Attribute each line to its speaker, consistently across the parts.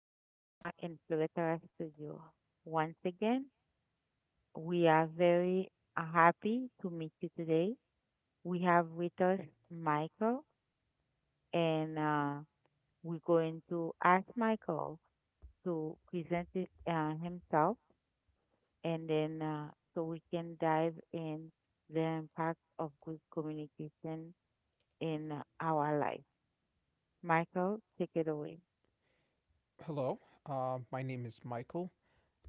Speaker 1: and you are in Fluretara Studio. Once again, we are very happy to meet you today. We have with us Michael, and we're going to ask Michael to present himself, and then so we can dive in the impact of good communication in our life. Michael, take it away.
Speaker 2: Hello, my name is Michael.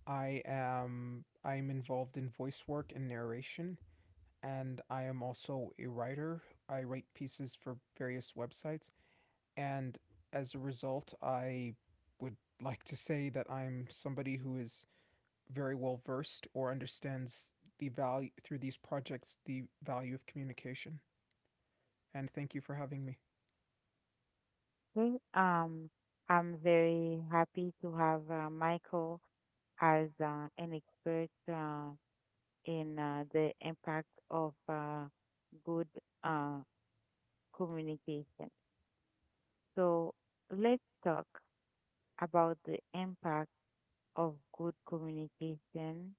Speaker 2: I'm involved in voice work and narration, and I am also a writer. I write pieces for various websites, and as a result, I would like to say that I'm somebody who is very well versed or understands the value through these projects the value of communication. And thank you for having me.
Speaker 1: Think I'm very happy to have Michael as an expert, in the impact of good uh, communication. So let's talk about the impact of good communication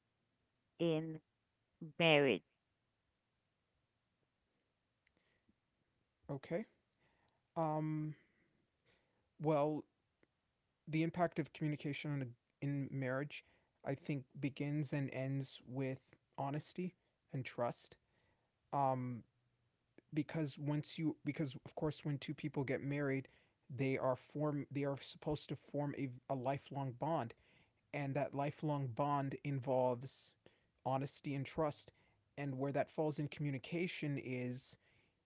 Speaker 1: in marriage.
Speaker 2: Okay. Um. Well, the impact of communication in marriage, I think, begins and ends with honesty and trust. Um, because because of course, when two people get married, they are supposed to form a lifelong bond, and that lifelong bond involves honesty and trust. And where that falls in communication is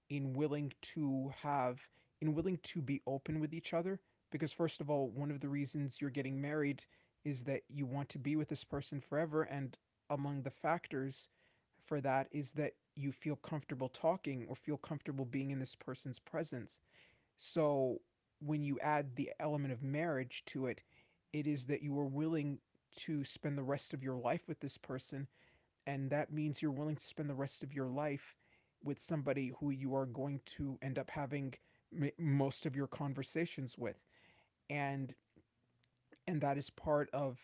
Speaker 2: in willing to have in willing to be open with each other, because first of all, one of the reasons you're getting married is that you want to be with this person forever, and among the factors for that is that you feel comfortable talking or feel comfortable being in this person's presence. So when you add the element of marriage to it, it is that you are willing to spend the rest of your life with this person, and that means you're willing to spend the rest of your life with somebody who you are going to end up having most of your conversations with. And and that is part of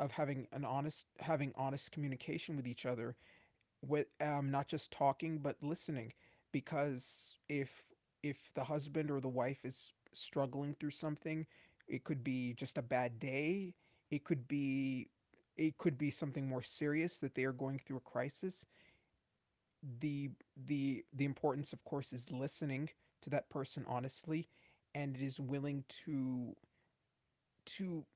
Speaker 2: having honest communication with each other, with not just talking but listening, because if the husband or the wife is struggling through something. It could be just a bad day, it could be it could be something more serious, that they are going through a crisis. the the importance, of course, is listening to that person honestly, and it is willing to,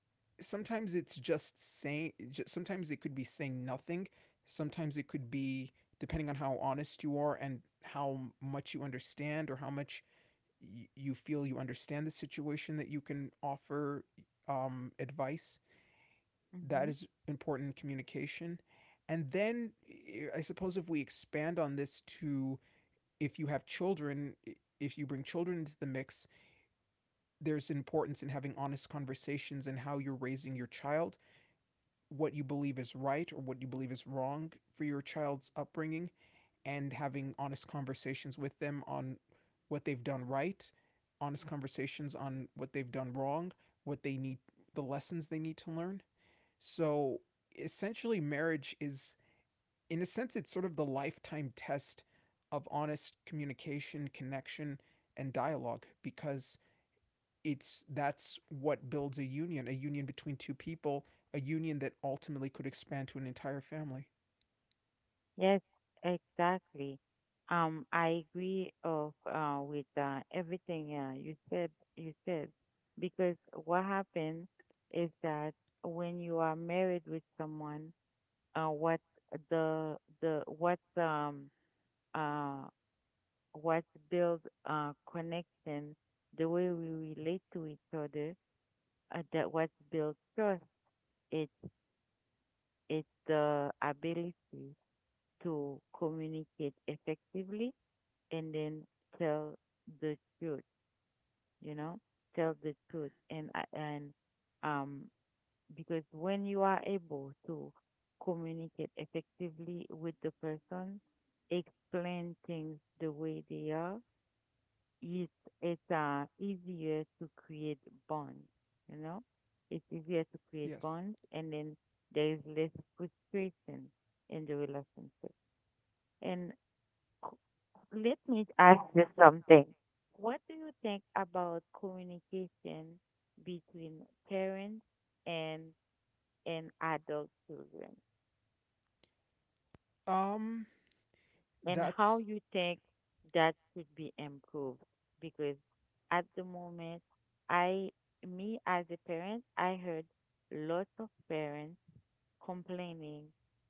Speaker 2: sometimes it's just saying, sometimes it could be saying nothing, sometimes it could be, depending on how honest you are and how much you understand or how much you feel you understand the situation, that you can offer advice. That
Speaker 1: Mm-hmm.
Speaker 2: is important communication. And then I suppose, if we expand on this to, if you have children, if you bring children into the mix, there's importance in having honest conversations and how you're raising your child, what you believe is right or what you believe is wrong for your child's upbringing, and having honest conversations with them on what they've done right, honest conversations on what they've done wrong, what they need, the lessons they need to learn. So essentially, marriage is, in a sense, it's sort of the lifetime test of honest communication, connection, and dialogue, because it's that's what builds a union between two people, a union that ultimately could expand to an entire family.
Speaker 1: Yes, exactly. I agree of with everything you said. You said, because what happens is that when you are married with someone, uh, what the the what um uh what build connection, the way we relate to each other, that what build trust. It's it's the ability to communicate effectively and then tell the truth, you know, tell the truth. And, um, because when you are able to communicate effectively with the person, explain things the way they are, it's, it's easier to create bonds, you know? It's easier to create
Speaker 2: Yes.
Speaker 1: bonds, and then there is less frustration in the relationship. And let me ask you something. What do you think about communication between parents and adult children,
Speaker 2: Um
Speaker 1: and how
Speaker 2: that's...
Speaker 1: you think that should be improved? Because at the moment, I, me as a parent, I heard lots of parents complaining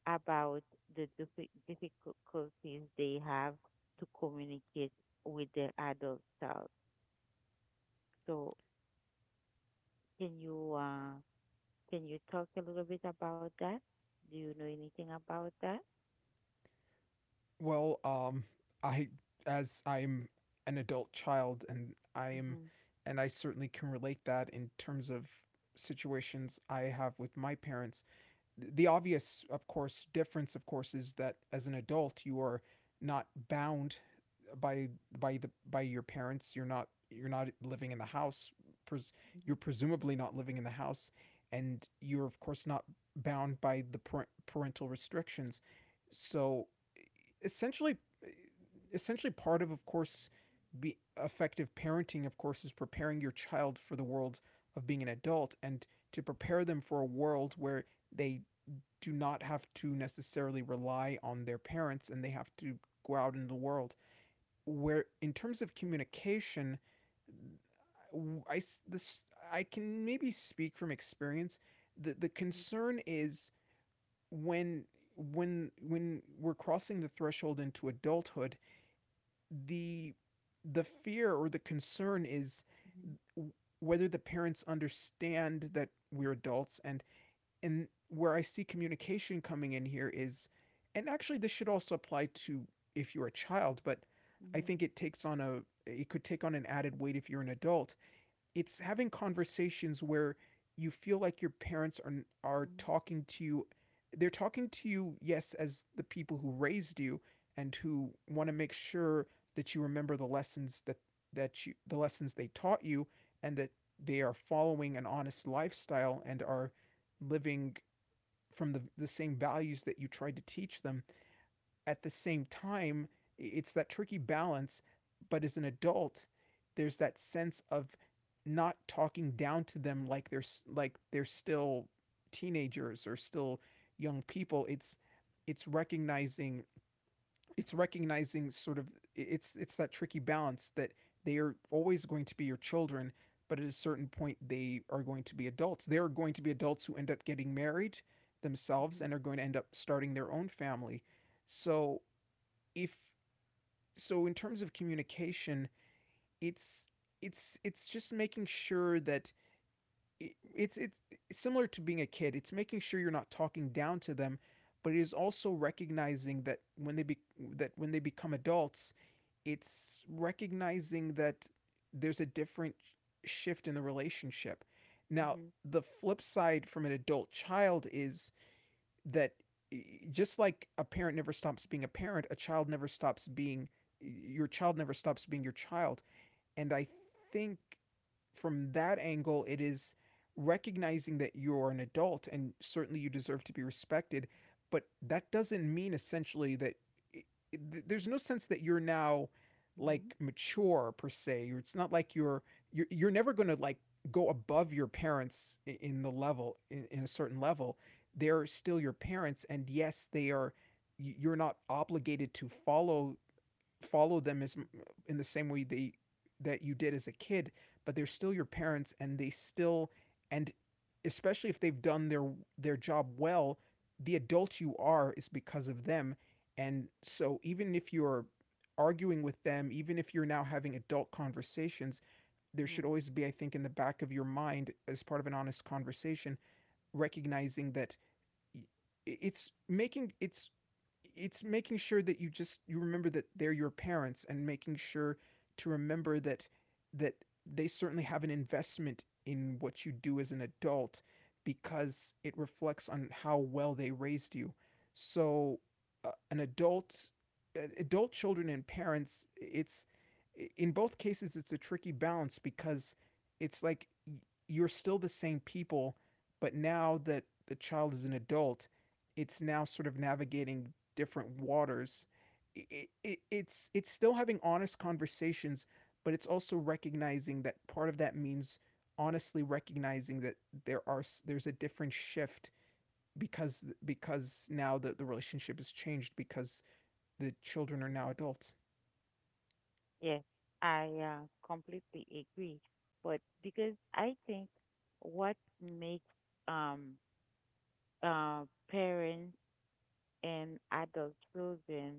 Speaker 1: about the difficulties they have to communicate with their adult child. So Can you uh can you talk a little bit about that? Do you know anything about that?
Speaker 2: Well, I as I'm an adult child, and I am,
Speaker 1: Mhm.
Speaker 2: and I certainly can relate that in terms of situations I have with my parents. The obvious, of course, difference, of course, is that as an adult, you are not bound by by the by your parents. You're not living in the house. Pres-
Speaker 1: Mhm.
Speaker 2: You're presumably not living in the house, and you're of course not bound by the parental restrictions. So, essentially, essentially, part of course, be effective parenting, of course, is preparing your child for the world of being an adult, and to prepare them for a world where they do not have to necessarily rely on their parents and they have to go out in the world. Where in terms of communication, I this I can maybe speak from experience. The
Speaker 1: Mhm.
Speaker 2: concern is, when when we're crossing the threshold into adulthood, the the fear or the concern is
Speaker 1: Mhm.
Speaker 2: whether the parents understand that we're adults. And where I see communication coming in here is, and actually this should also apply to if you're a child, but I
Speaker 1: Mhm.
Speaker 2: think it takes on a it could take on an added weight if you're an adult. It's having conversations where you feel like your parents are
Speaker 1: Mhm.
Speaker 2: talking to you. They're talking to you, yes, as the people who raised you and who want to make sure that you remember the lessons that that you the lessons they taught you, and that they are following an honest lifestyle and are living from the same values that you tried to teach them. At the same time, it's that tricky balance. But as an adult, there's that sense of not talking down to them like they're still teenagers or still young people. It's recognizing it's recognizing, sort of, it's that tricky balance that they are always going to be your children, but at a certain point they are going to be adults, who end up getting married themselves
Speaker 1: Mhm.
Speaker 2: and are going to end up starting their own family. so if So in terms of communication, it's it's just making sure that it's similar to being a kid. It's making sure you're not talking down to them, but it is also recognizing that when they become adults, it's recognizing that there's a different shift in the relationship. Now,
Speaker 1: Mhm.
Speaker 2: the flip side from an adult child is that, just like a parent never stops being a parent, a child never stops being your child never stops being your child. And I think, from that angle, it is recognizing that you're an adult and certainly you deserve to be respected, but that doesn't mean essentially it, there's no sense that you're now
Speaker 1: Mhm.
Speaker 2: like mature per se. It's not like you're never going to like go above your parents in the level, in a certain level. They're still your parents, and yes, they are, you're not obligated to follow follow them as in the same way they that you did as a kid, but they're still your parents, and they still, and especially if they've done their job well, the adult you are is because of them. And so even if you're arguing with them, even if you're now having adult conversations, there should
Speaker 1: Mhm.
Speaker 2: always be, I think, in the back of your mind, as part of an honest conversation, recognizing that it's making it's it's making sure that you remember that they're your parents, and making sure to remember that they certainly have an investment in what you do as an adult, because it reflects on how well they raised you. So an adult adult children and parents, it's, in both cases, it's a tricky balance, because it's like you're still the same people, but now that the child is an adult, it's now sort of navigating different waters. It's still having honest conversations, but it's also recognizing that part of that means honestly recognizing that there are there's a different shift, because now the relationship has changed because the children are now adults.
Speaker 1: Yes, I completely agree. But because I think what makes um parents and adult children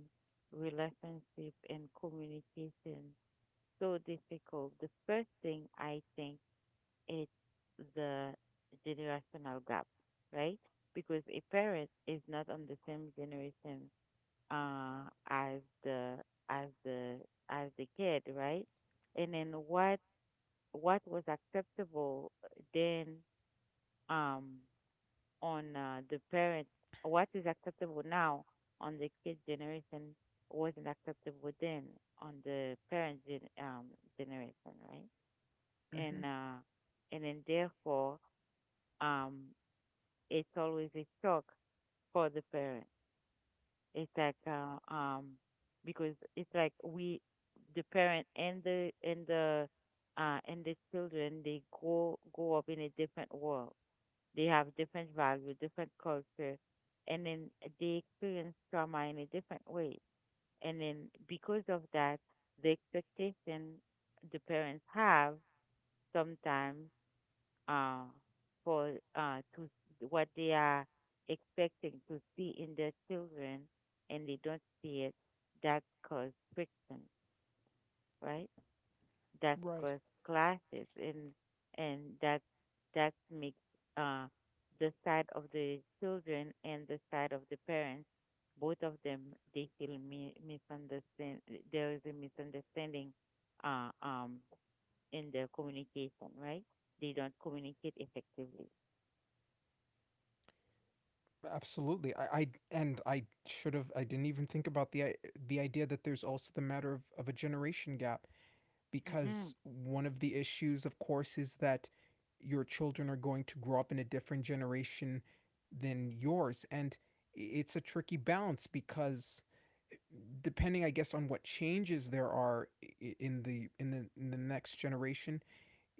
Speaker 1: relationship and communication so difficult, the first thing I think it's the generational gap, right? Because a parent is not on the same generation, uh, as the as the as the kid, right? And then what was acceptable then, um, on the parent, what is acceptable now on the kid generation wasn't acceptable then on the parent generation, right?
Speaker 2: Mm-hmm.
Speaker 1: And uh, and then therefore, um it's always a shock for the parent. It's like, because it's like we, the parent, and the and the children, they grow up in a different world. They have different value, different culture, and then they experience trauma in a different way. And then because of that, the expectation the parents have sometimes, uh, for, to what they are expecting to see in their children, and they don't see it, that causes friction, right? That
Speaker 2: Right.
Speaker 1: causes clashes. And and that that makes, uh, the side of the children and the side of the parents, both of them, they feel misunderstand. There is a misunderstanding, uh, um, in their communication, right? They don't communicate effectively.
Speaker 2: Absolutely. I and I should have, I didn't even think about the idea that there's also the matter of a generation gap,
Speaker 1: Mhm,
Speaker 2: because one of the issues, of course, is that your children are going to grow up in a different generation than yours. And it's a tricky balance because, depending I guess on what changes there are in the in the in the next generation,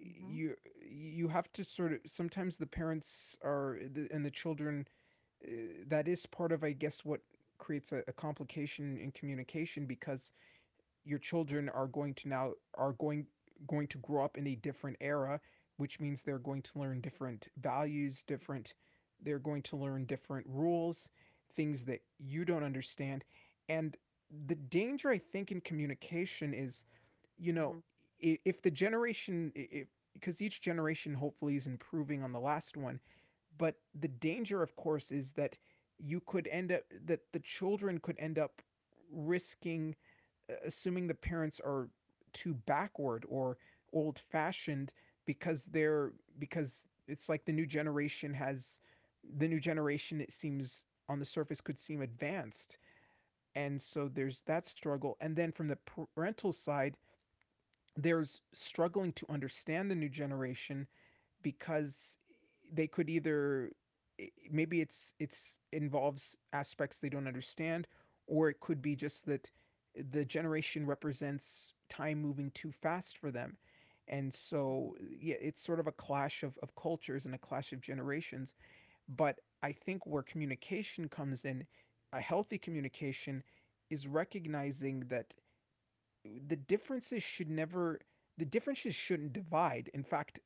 Speaker 1: mhm,
Speaker 2: you have to sort of, sometimes the parents are, and the children, uh, that is part of I guess what creates a complication in communication, because your children are going going to grow up in a different era, which means they're going to learn different values, different they're going to learn different rules, things that you don't understand. And the danger I think in communication is, you
Speaker 1: mhm,
Speaker 2: know,
Speaker 1: mhm,
Speaker 2: if the generation if because each generation hopefully is improving on the last one, but the danger of course is that you could end up that the children could end up risking assuming the parents are too backward or old fashioned, because they're, because it's like the new generation, it seems on the surface, could seem advanced. And so there's that struggle, and then from the parental side, there's struggling to understand the new generation, because they could either, maybe it's, involves aspects they don't understand, or it could be just that the generation represents time moving too fast for them. And
Speaker 1: mhm,
Speaker 2: so yeah, it's sort of a clash of cultures and a clash of generations. But I think where communication comes in, a healthy communication, is recognizing that the differences should never the differences shouldn't divide. In fact,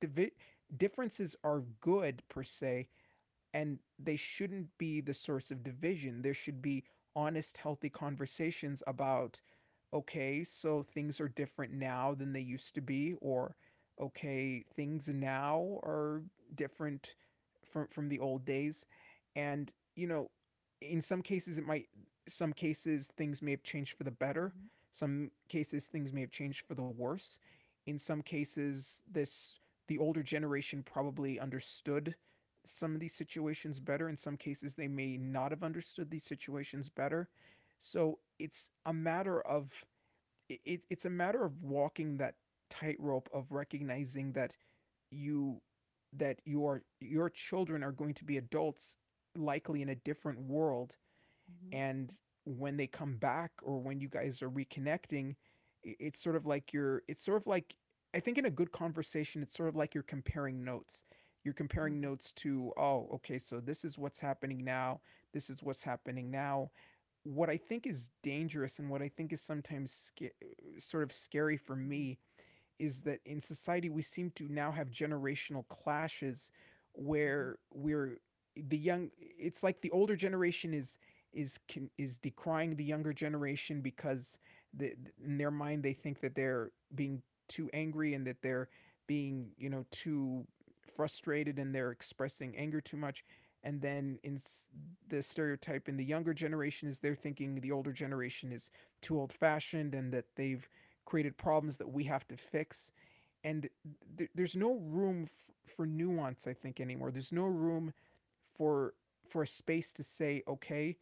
Speaker 2: divi- differences are good per se, and they shouldn't be the source of division. There should be honest, healthy conversations about, okay, so things are different now than they used to be, or okay, things now are different from the old days, and you know, in some cases it might, some cases things may have changed for the better,
Speaker 1: mhm,
Speaker 2: some cases things may have changed for the worse, in some cases this the older generation probably understood some of these situations better. In some cases, they may not have understood these situations better. So it's a matter of it's a matter of walking that tightrope of recognizing that you that your children are going to be adults likely in a different world,
Speaker 1: mhm, mhm,
Speaker 2: and when they come back or when you guys are reconnecting, it's sort of like, I think in a good conversation it's sort of like you're comparing notes, you're comparing
Speaker 1: mhm,
Speaker 2: notes to, oh, okay, so this is what's happening now. This is what's happening now. What I think is dangerous and what I think is sometimes sort of scary for me is that in society we seem to now have generational clashes where we're the young, it's like the older generation is is decrying the younger generation because the, in their mind they think that they're being too angry and that they're being, you know, too frustrated and they're expressing anger too much. And then in the stereotype in the younger generation is they're thinking the older generation is too old fashioned and that they've created problems that we have to fix, and there's no room for nuance, I think, anymore. There's no room for a space to say, okay,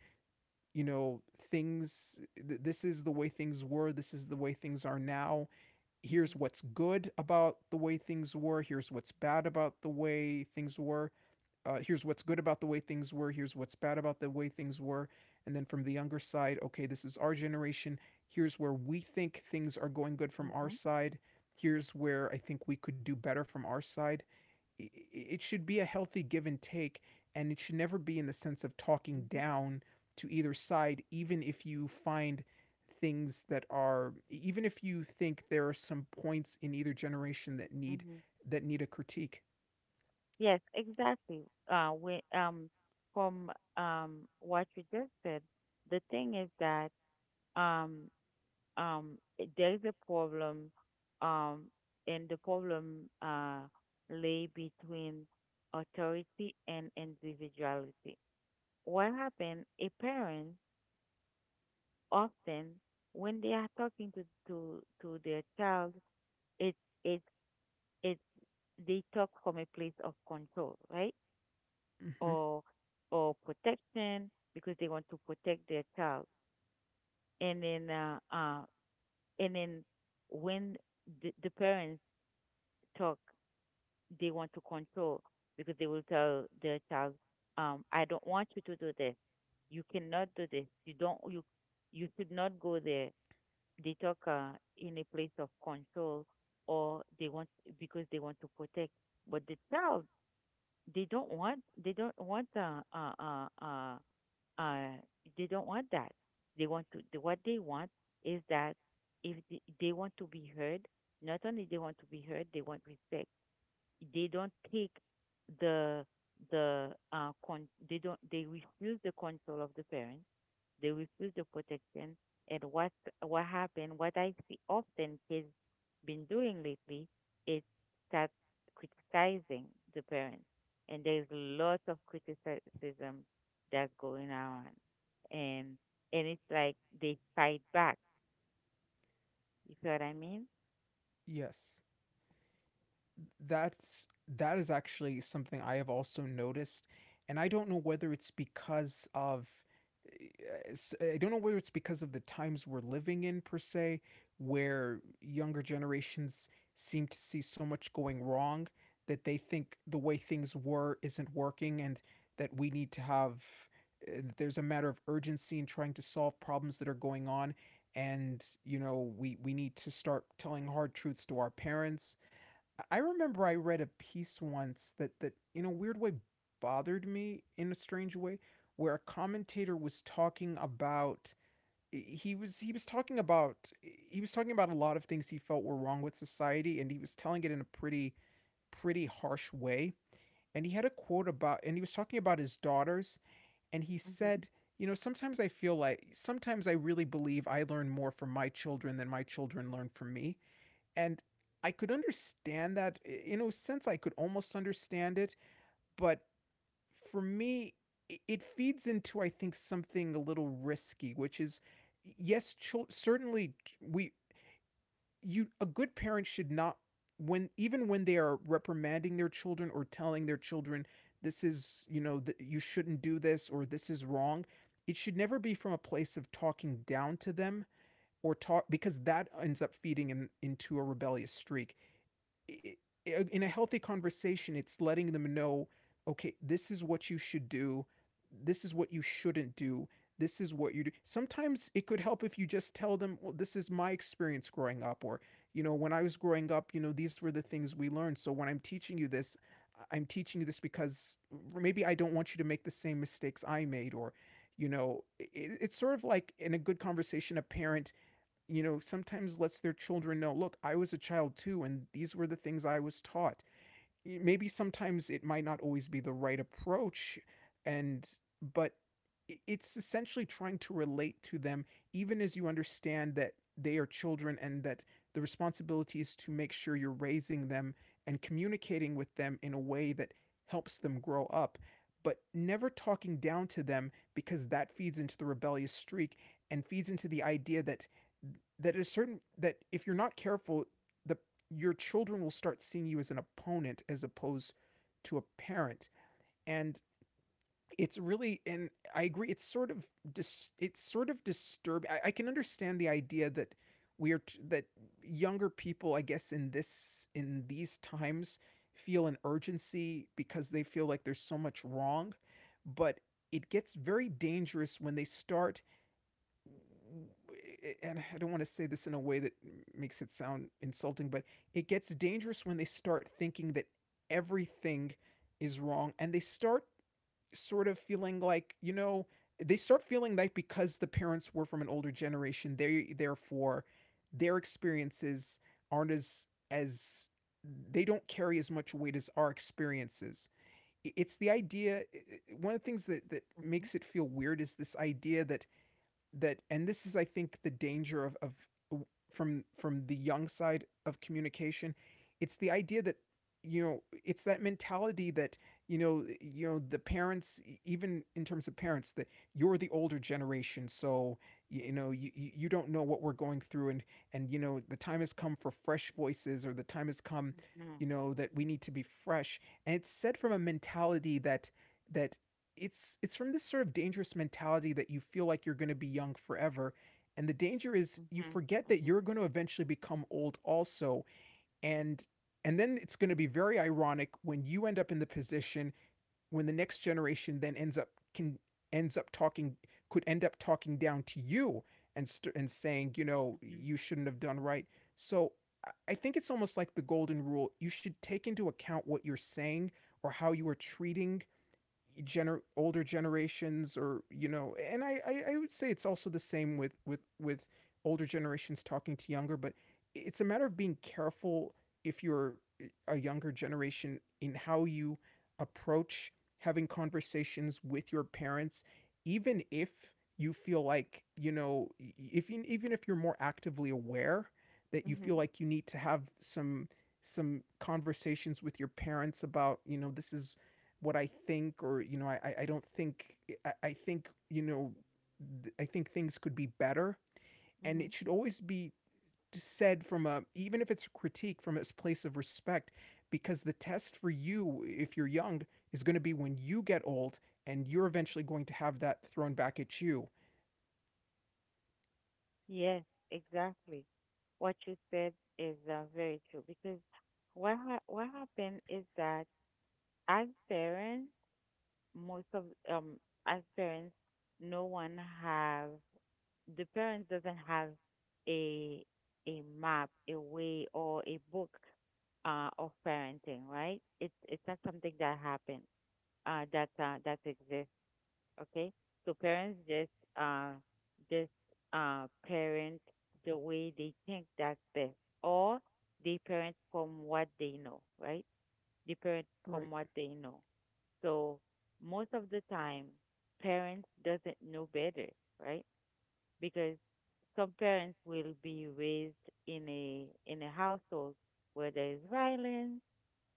Speaker 2: you know, things, this is the way things were, this is the way things are now. Here's what's good about the way things were, here's what's bad about the way things were. Here's what's good about the way things were, here's what's bad about the way things were. And then from the younger side, okay, this is our generation. Here's where we think things are going good from
Speaker 1: mhm,
Speaker 2: our
Speaker 1: mhm,
Speaker 2: side. Here's where I think we could do better from our side. It should be a healthy give and take, and it should never be in the sense of talking
Speaker 1: mhm,
Speaker 2: down to either side, even if you find things that are even if you think there are some points in either generation that need
Speaker 1: mhm.
Speaker 2: a critique.
Speaker 1: Yes, exactly. From what you just said, the thing is that, um, there is a problem, um, and the problem, lay between authority and individuality. What happened? A parent often, when they are talking to their child, it it it they talk from a place of control, right?
Speaker 2: Hmm.
Speaker 1: Or, protection, because they want to protect their child. And then uh, uh and then when the parents talk, they want to control, because they will tell their child, I don't want you to do this. You cannot do this. You don't you you should not go there. They talk, in a place of control, or they want, because they want to protect. But the child, they don't want they don't want uh, they don't want that. They want to what they want is that, if they want to be heard. Not only they want to be heard, they want respect. They don't take the the con they don't they refuse the control of the parent. They refuse the protection. And what happened? What I see often kids been doing lately is start criticizing the parents, and there's lots of criticism that's going on, and it's like they fight back. You see what I mean?
Speaker 2: Yes. that's that is actually something I have also noticed, and I don't know whether it's because of I don't know whether it's because of the times we're living in per se, where younger generations seem to see so much going wrong that they think the way things were isn't working, and that we need to have, there's a matter of urgency in trying to solve problems that are going on, and you know, we need to start telling hard truths to our parents. I remember I read a piece once that in a weird way bothered me in a strange way, where a commentator was talking about, he was talking about a lot of things he felt were wrong with society, and he was telling it in a pretty harsh way, and he had a quote about, and he was talking about his daughters, and he
Speaker 1: Mm-hmm.
Speaker 2: said, you know, sometimes I feel like, sometimes I really believe I learn more from my children than my children learn from me. And I could understand that. In a sense, I could almost understand it. But for me, it feeds into, I think, something a little risky, which is, yes, certainly, we you, a good parent should not, when even when they are reprimanding their children or telling their children, this is, you know, you shouldn't do this, or this is wrong, it should never be from a place of talking down to them, or talk because that ends up feeding in, into a rebellious streak. In a healthy conversation, it's letting them know, okay, this is what you should do, this is what you shouldn't do, this is what you do. Sometimes it could help if you just tell them, well, this is my experience growing up, or, you know, when I was growing up, you know, these were the things we learned. So when I'm teaching you this, I am teaching you this because maybe I don't want you to make the same mistakes I made, or, you know, I it's sort of like in a good conversation, a parent, you know, sometimes lets their children know, look, I was a child too, and these were the things I was taught. Maybe sometimes it might not always be the right approach, and but it's essentially trying to relate to them, even as you understand that they are children and that the responsibility is to make sure you're raising them and communicating with them in a way that helps them grow up, but never talking down to them because that feeds into the rebellious streak and feeds into the idea that, that is certain that if you're not careful, the your children will start seeing you as an opponent as opposed to a parent. And it's really, and I agree, it's sort of it's sort of disturbing. I can understand the idea that that younger people, I guess, in this in these times feel an urgency because they feel like there's so much wrong, but it gets very dangerous when they start, and I don't want to say this in a way that makes it sound insulting, but it gets dangerous when they start thinking that everything is wrong and they start sort of feeling like, you know, they start feeling like because the parents were from an older generation, they therefore their experiences aren't as they don't carry as much weight as our experiences. It's the idea, one of the things that
Speaker 1: Mm-hmm.
Speaker 2: makes it feel weird is this idea that, and this is, I think, the danger of from the young side of communication. It's the idea that, you know, it's that mentality that, you know, the parents, even in terms of parents, that you're the older generation so, you know, you don't know what we're going through, and you know, the time has come for fresh voices, or the time has come,
Speaker 1: Mhm,
Speaker 2: you know, that we need to be fresh, and it's said from a mentality that, that it's from this sort of dangerous mentality that you feel like you're going to be young forever, and the danger is you
Speaker 1: mhm,
Speaker 2: forget
Speaker 1: mhm,
Speaker 2: that
Speaker 1: mhm,
Speaker 2: you're going to eventually become old also. and and then it's going to be very ironic when you end up in the position, when the next generation then ends up can ends up talking could end up talking down to you, and saying, you know,
Speaker 1: mhm,
Speaker 2: you shouldn't have done, right? So I think it's almost like the golden rule. You should take into account what you're saying, or how you are treating older generations, or, you know, and I would say it's also the same with with older generations talking to younger, but it's a matter of being careful, if you're a younger generation, in how you approach having conversations with your parents, even if you feel like, you know, if you, even if you're more actively aware that you
Speaker 1: mhm,
Speaker 2: feel like you need to have some conversations with your parents about, you know, this is what I think, or, you know, I don't think, I think, you know, I think things could be better, and
Speaker 1: mhm.
Speaker 2: it should always be said from a, even if it's a critique, from a place of respect, because the test for you, if you're young, is going to be when you get old, and you're eventually going to have that thrown back at you.
Speaker 1: Yes, exactly. What you said is, very true, because what happened is that, as parents, most of, as parents, no one have, the parents doesn't have, a map, a way, or a book, of parenting, right? It's not something that happened, that exists. Okay, so parents just, uh just parent the way they think that's best. Or they parent from what they know. Right, they parent
Speaker 2: Right.
Speaker 1: from what they know. So most of the time parents doesn't know better, right? Because some parents will be raised in a household where there is violence,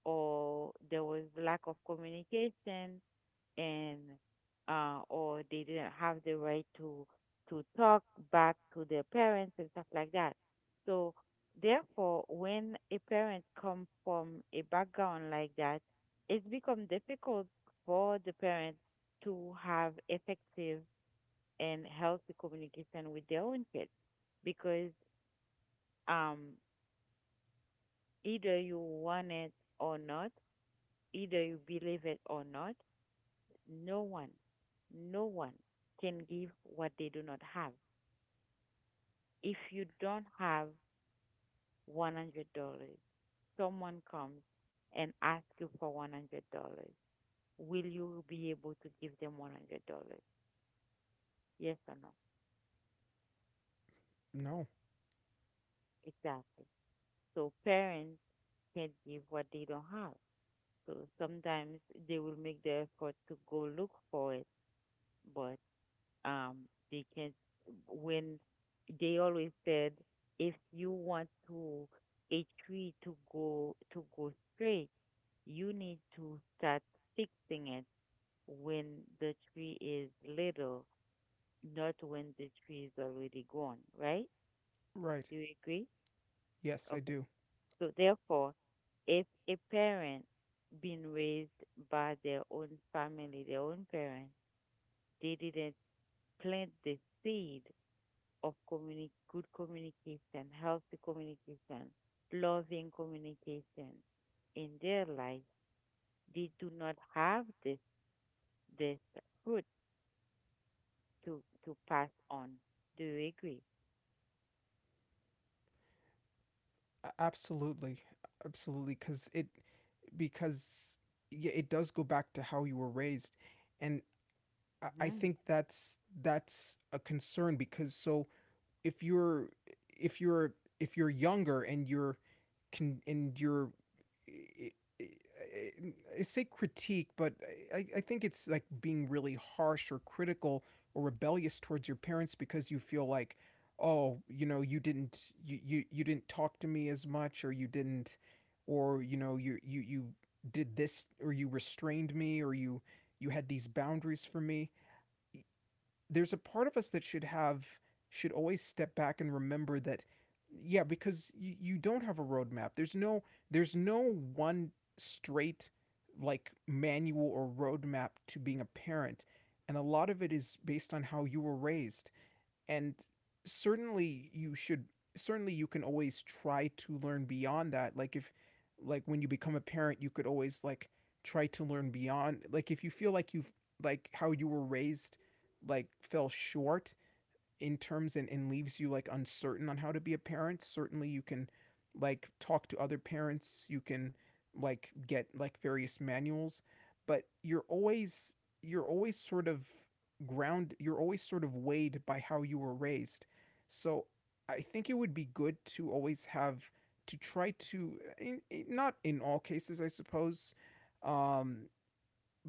Speaker 1: or there was lack of communication. And or they didn't have the right to talk back to their parents and stuff like that. So therefore, when a parent comes from a background like that, it's become difficult for the parent to have effective and healthy communication with their own kids. Because, um, either you want it or not, either you believe it or not, no one, no one can give what they do not have. If you don't have $100, someone comes and asks you for $100. Will you be able to give them $100? Yes or no?
Speaker 2: No.
Speaker 1: Exactly. So parents can't give what they don't have. So sometimes they will make the effort to go look for it, but, Um, they can't. When they always said, if you want to a tree to go straight, you need to start fixing it when the tree is little, not when the tree is already gone, right?
Speaker 2: Right.
Speaker 1: Do you agree?
Speaker 2: Yes, I
Speaker 1: Okay.
Speaker 2: do.
Speaker 1: So therefore, if a parent been raised by their own family, their own parents, they didn't plant the seed of good communication, healthy communication, loving communication in their life, they do not have this this fruit to pass on. Do you agree?
Speaker 2: Absolutely. Absolutely cuz it because yeah, it does go back to how you were raised. And
Speaker 1: Mm-hmm.
Speaker 2: think that's a concern because so if you're if you're if you're younger and you're can and you're I- I- I say critique, but I think it's like being really harsh or critical or rebellious towards your parents because you feel like, oh, you didn't you didn't talk to me as much, or you didn't, or you did this, or you restrained me, or you had these boundaries for me. There's a part of us that should always step back and remember that. Yeah, because you don't have a roadmap. There's no there's no one straight like manual or roadmap to being a parent, and a lot of it is based on how you were raised. And certainly you should certainly you can always try to learn beyond that. Like if like when you become a parent, you could always like try to learn beyond, like if you feel like you've like how you were raised, like, fell short in terms, and leaves you like uncertain on how to be a parent. Certainly you can like talk to other parents, you can like get like various manuals, but you're always, you're always sort of ground you're always sort of weighed by how you were raised. So I think it would be good to always have to try to not in all cases, I suppose, um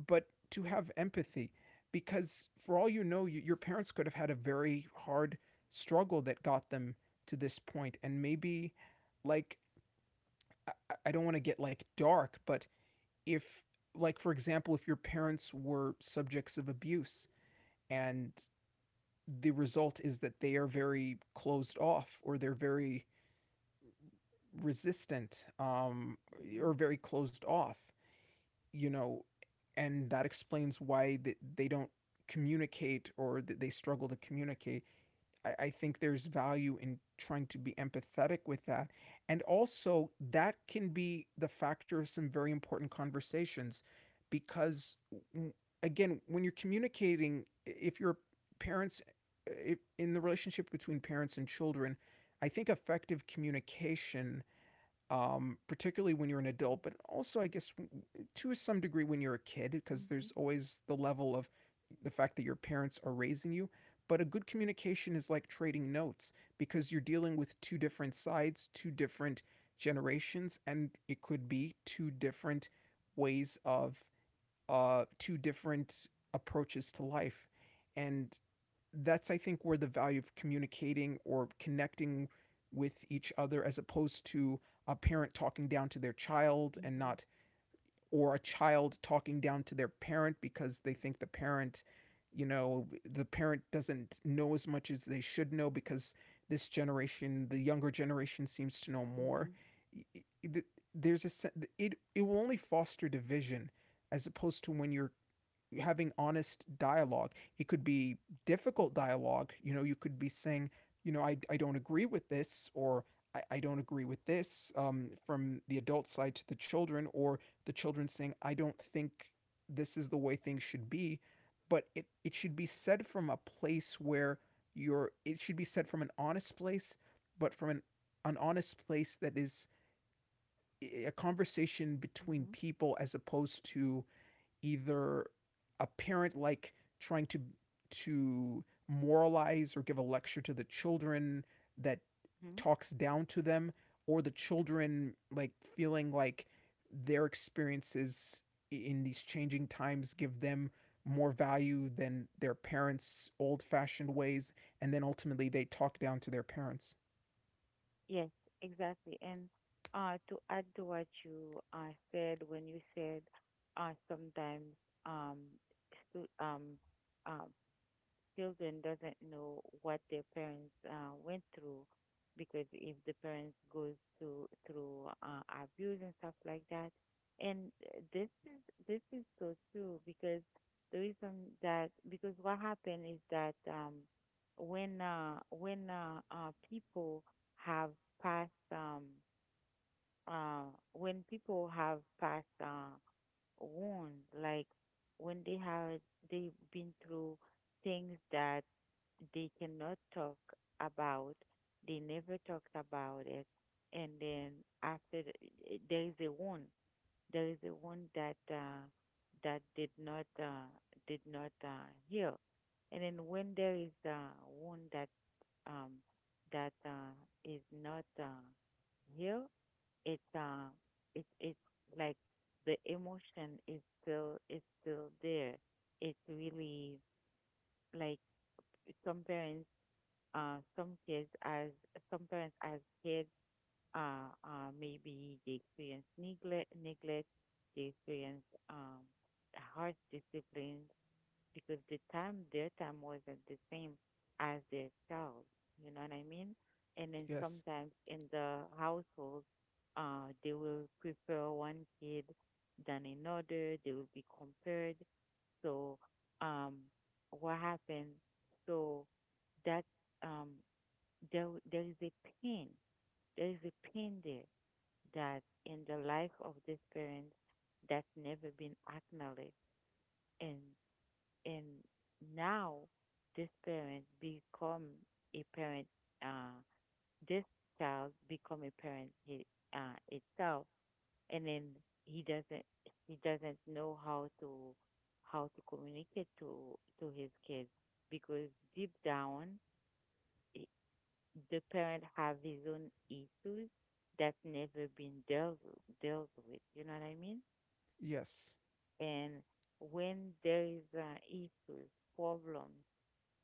Speaker 2: but to have empathy, because for all you know, your parents could have had a very hard struggle that got them to this point. And maybe, like i, I don't want to get like dark, but if, like, for example, if your parents were subjects of abuse, and the result is that they are very closed off, or they're very resistant,
Speaker 1: Mm-hmm.
Speaker 2: or very closed off, you know, and that explains why they don't communicate, or that they struggle to communicate. I think there's value in trying to be empathetic with that. And also, that can be the factor of some very important conversations because, again, when you're communicating, if your parents, in the relationship between parents and children, I think effective communication, particularly when you're an adult, but also, I guess, to some degree when you're a kid, because
Speaker 1: Mm-hmm.
Speaker 2: there's always the level of the fact that your parents are raising you. But a good communication is like trading notes, because you're dealing with two different sides, two different generations, and it could be two different ways of two different approaches to life. And that's, I think, where the value of communicating or connecting with each other, as opposed to a parent talking down to their child and
Speaker 1: Mm-hmm.
Speaker 2: not, or a child talking down to their parent because they think the parent, you know, the parent doesn't know as much as they should know, because this generation, the younger generation, seems to know
Speaker 1: Mm-hmm.
Speaker 2: more. There's a It will only foster division, as opposed to when you're having honest dialogue. It could be difficult dialogue. You know, you could be saying, you know, I don't agree with this, or I don't agree with this, from the adult side to the children, or the children saying, I don't think this is the way things should be. But it should be said from a place where it should be said from an honest place, but from an honest place that is a conversation
Speaker 1: Mm-hmm. Mm-hmm.
Speaker 2: between people, as opposed to either a parent like trying to moralize or give a lecture to the children that
Speaker 1: Mm-hmm.
Speaker 2: talks down to them, or the children like feeling like their experiences in these changing times give them more value than their parents old fashioned ways, and then ultimately they talk down to their parents.
Speaker 1: Yes, exactly. And, to add to what you said, when you said, sometimes, um, stu- um, um, children doesn't know what their parents, went through. Because if the parents goes through, abuse and stuff like that. And, this is so true, because the reason that because what happened is that, when people have passed, uh when people have passed, wounds. Like when they have they've been through things that they cannot talk about, they never talked about it. And then after, there is a one that, that did not heal. And then when there is, one that um, that is not, healed, it's uh, it's like the emotion is still there. It's really like some parents, uh, some kids as some parents as kids, maybe they experience neglect, they experience, um, harsh discipline. Because the time their time wasn't the same as their child, you know what I mean? And then
Speaker 2: Yes,
Speaker 1: sometimes in the household, they will prefer one kid than another, they will be compared. So, um, what happened, so that, um there is a pain pain there, that in the life of this parent, that's never been acknowledged. And and now this parent become a parent uh this child become a parent, itself. And then he doesn't he doesn't know how to communicate to his kids, because deep down, i- the parent have his own issues that's never been dealt with. You know what I mean?
Speaker 2: yes,
Speaker 1: And when there is, issues, problems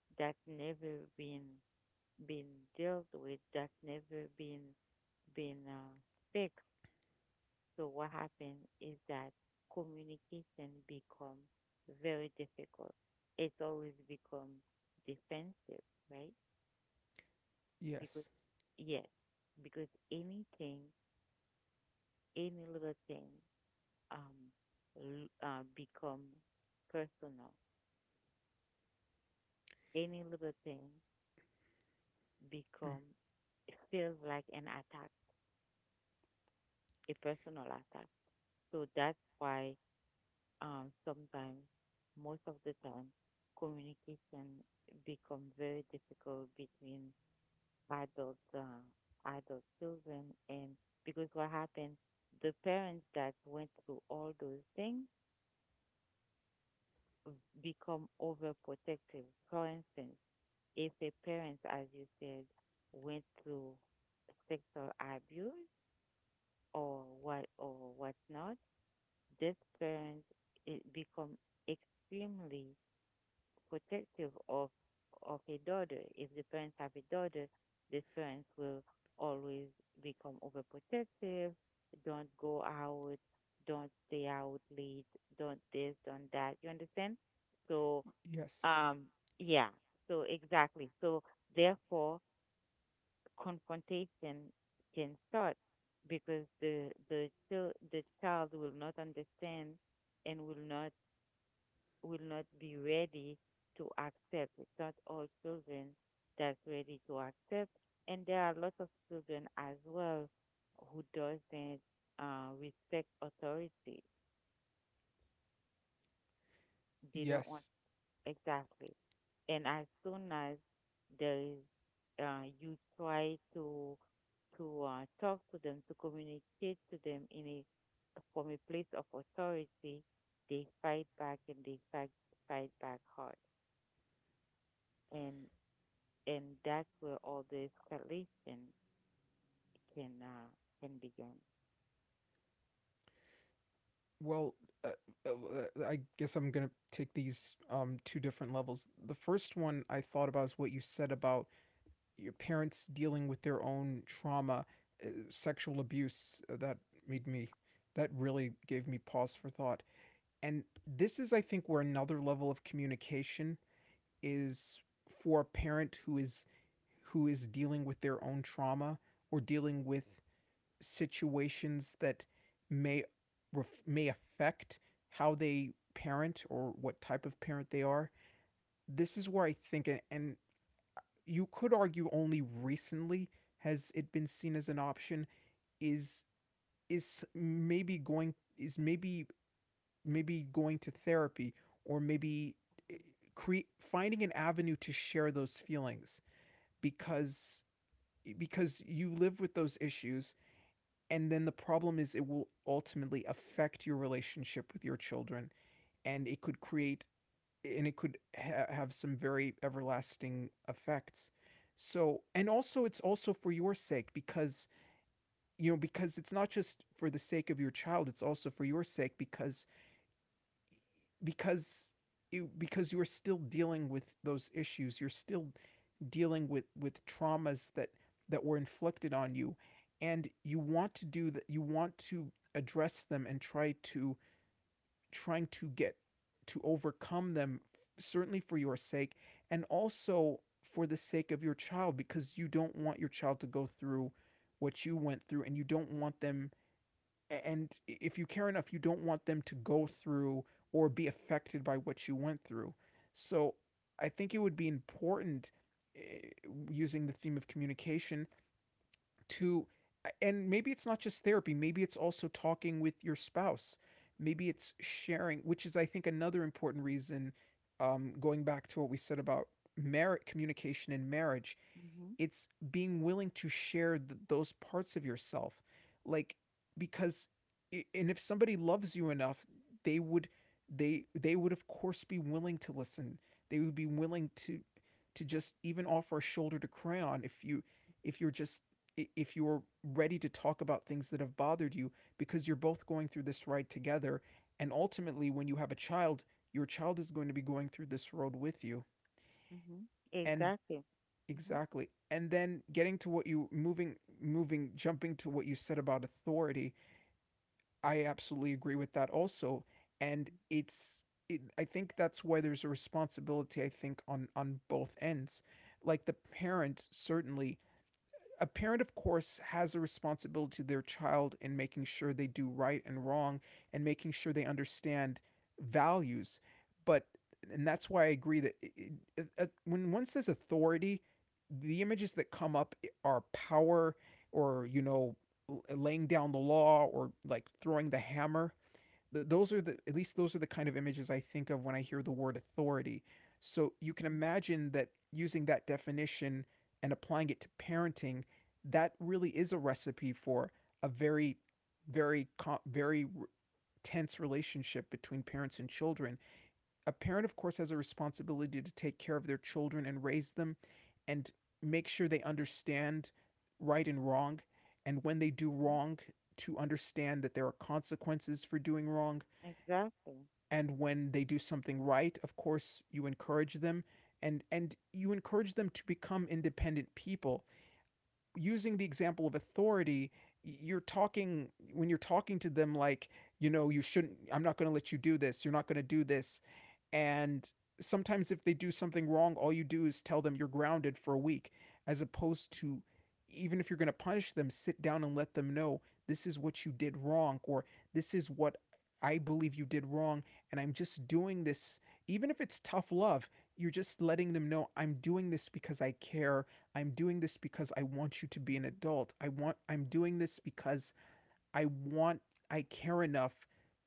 Speaker 1: that's never been dealt with, that's never been, fixed. So what happens is that communication become very difficult. It's always become defensive, right? Because,
Speaker 2: yes,
Speaker 1: yes, because anything, any little thing, um become personal. Any little thing
Speaker 2: mm,
Speaker 1: become it feels like an attack, a personal attack. So that's why, sometimes, most of the time, communication become very difficult between adult uh, adult children. And because what happened, the parents that went through all those things become overprotective. For instance, if a parent, as you said, went through sexual abuse or what or whatnot, this parent, it become extremely protective of a daughter. If the parents have a daughter, these parents will always become overprotective. Don't go out. Don't stay out late. Don't this. Don't that. You understand? So,
Speaker 2: yes,
Speaker 1: um, yeah. So exactly. So therefore, confrontation can start because the child will not understand and will not be ready to accept. It's not all children that's ready to accept, and there are lots of children as well who doesn't respect authority. They don't.
Speaker 2: yes.
Speaker 1: Exactly. And as soon as there is, you try to talk to them, to communicate to them in a from a place of authority, they fight back and they fight back hard, and and that's where all the escalation can uh, can begin.
Speaker 2: Well, uh, I guess I'm gonna take these two different levels. The first one I thought about is what you said about your parents dealing with their own trauma, sexual abuse, made me that really gave me pause for thought. And this is, I think, where another level of communication is for a parent who is, dealing with their own trauma, or dealing with situations that may may affect how they parent, or what type of parent they are. This is where I think, and you could argue only recently has it been seen as an option, is is maybe going is maybe maybe going to therapy, or maybe finding an avenue to share those feelings, because, you live with those issues, and then the problem is it will ultimately affect your relationship with your children, and it could create, and it could have some very everlasting effects. So, and also, it's also for your sake, because, you know, because it's not just for the sake of your child, it's also for your sake, because, because you, because you're still dealing with those issues, you're still dealing with traumas that, were inflicted on you, and you want to do that, you want to address them and try to, trying to get to overcome them, certainly for your sake, and also for the sake of your child, because you don't want your child to go through what you went through, and you don't want them, and if you care enough, you don't want them to go through or be affected by what you went through. So I think it would be important, eh, using the theme of communication, to, and maybe it's not just therapy, maybe it's also talking with your spouse, maybe it's sharing, which is, I think, another important reason. Going back to what we said about merit communication in marriage,
Speaker 1: Mm-hmm.
Speaker 2: it's being willing to share those parts of yourself, like, because, and if somebody loves you enough, they would, they would of course be willing to listen, they would be willing to just even offer a shoulder to cry on if you, if you're just, if you're ready to talk about things that have bothered you, because you're both going through this ride together. And ultimately, when you have a child, your child is going to be going through this road with you.
Speaker 1: Mm-hmm.
Speaker 2: And
Speaker 1: Exactly. Mm-hmm.
Speaker 2: exactly, and then getting to what you moving moving jumping to what you said about authority, I absolutely agree with that also. And it's, I think that's why there's a responsibility, I think, on both ends. Like the parent, certainly, a parent, of course, has a responsibility to their child in making sure they do right and wrong, and making sure they understand values. But, and that's why I agree that when one says authority, the images that come up are power, or, you know, laying down the law, or like throwing the hammer. Those are the, at least those are the kind of images I think of when I hear the word authority. So you can
Speaker 1: Mm-hmm.
Speaker 2: imagine that using that definition and applying it to parenting, that really is a recipe for a very, very, very tense relationship between parents and children. A parent, of course, has a responsibility to take care of their children and raise them, and make sure they understand right and wrong. And when they do
Speaker 1: Mm-hmm.
Speaker 2: wrong, to understand that there are consequences for doing wrong.
Speaker 1: Exactly.
Speaker 2: And when they do something right, of course, you encourage them, and you encourage them to become independent people. Using the example of authority, you're talking when you're talking to them, like, you know, you shouldn't, I'm not going to let you do this, you're not going to do this. And sometimes if they do something wrong, all you do is tell them you're grounded for a week, as opposed to, even if you're going to punish them, sit down and let them know, this is what you did wrong, or this is what I believe you did wrong, and I'm just doing this, even if it's tough love, you're just letting them know, I'm doing this because I care. I'm doing this because I want you to be an
Speaker 1: Mm-hmm.
Speaker 2: adult. I'm doing this because I want, I care enough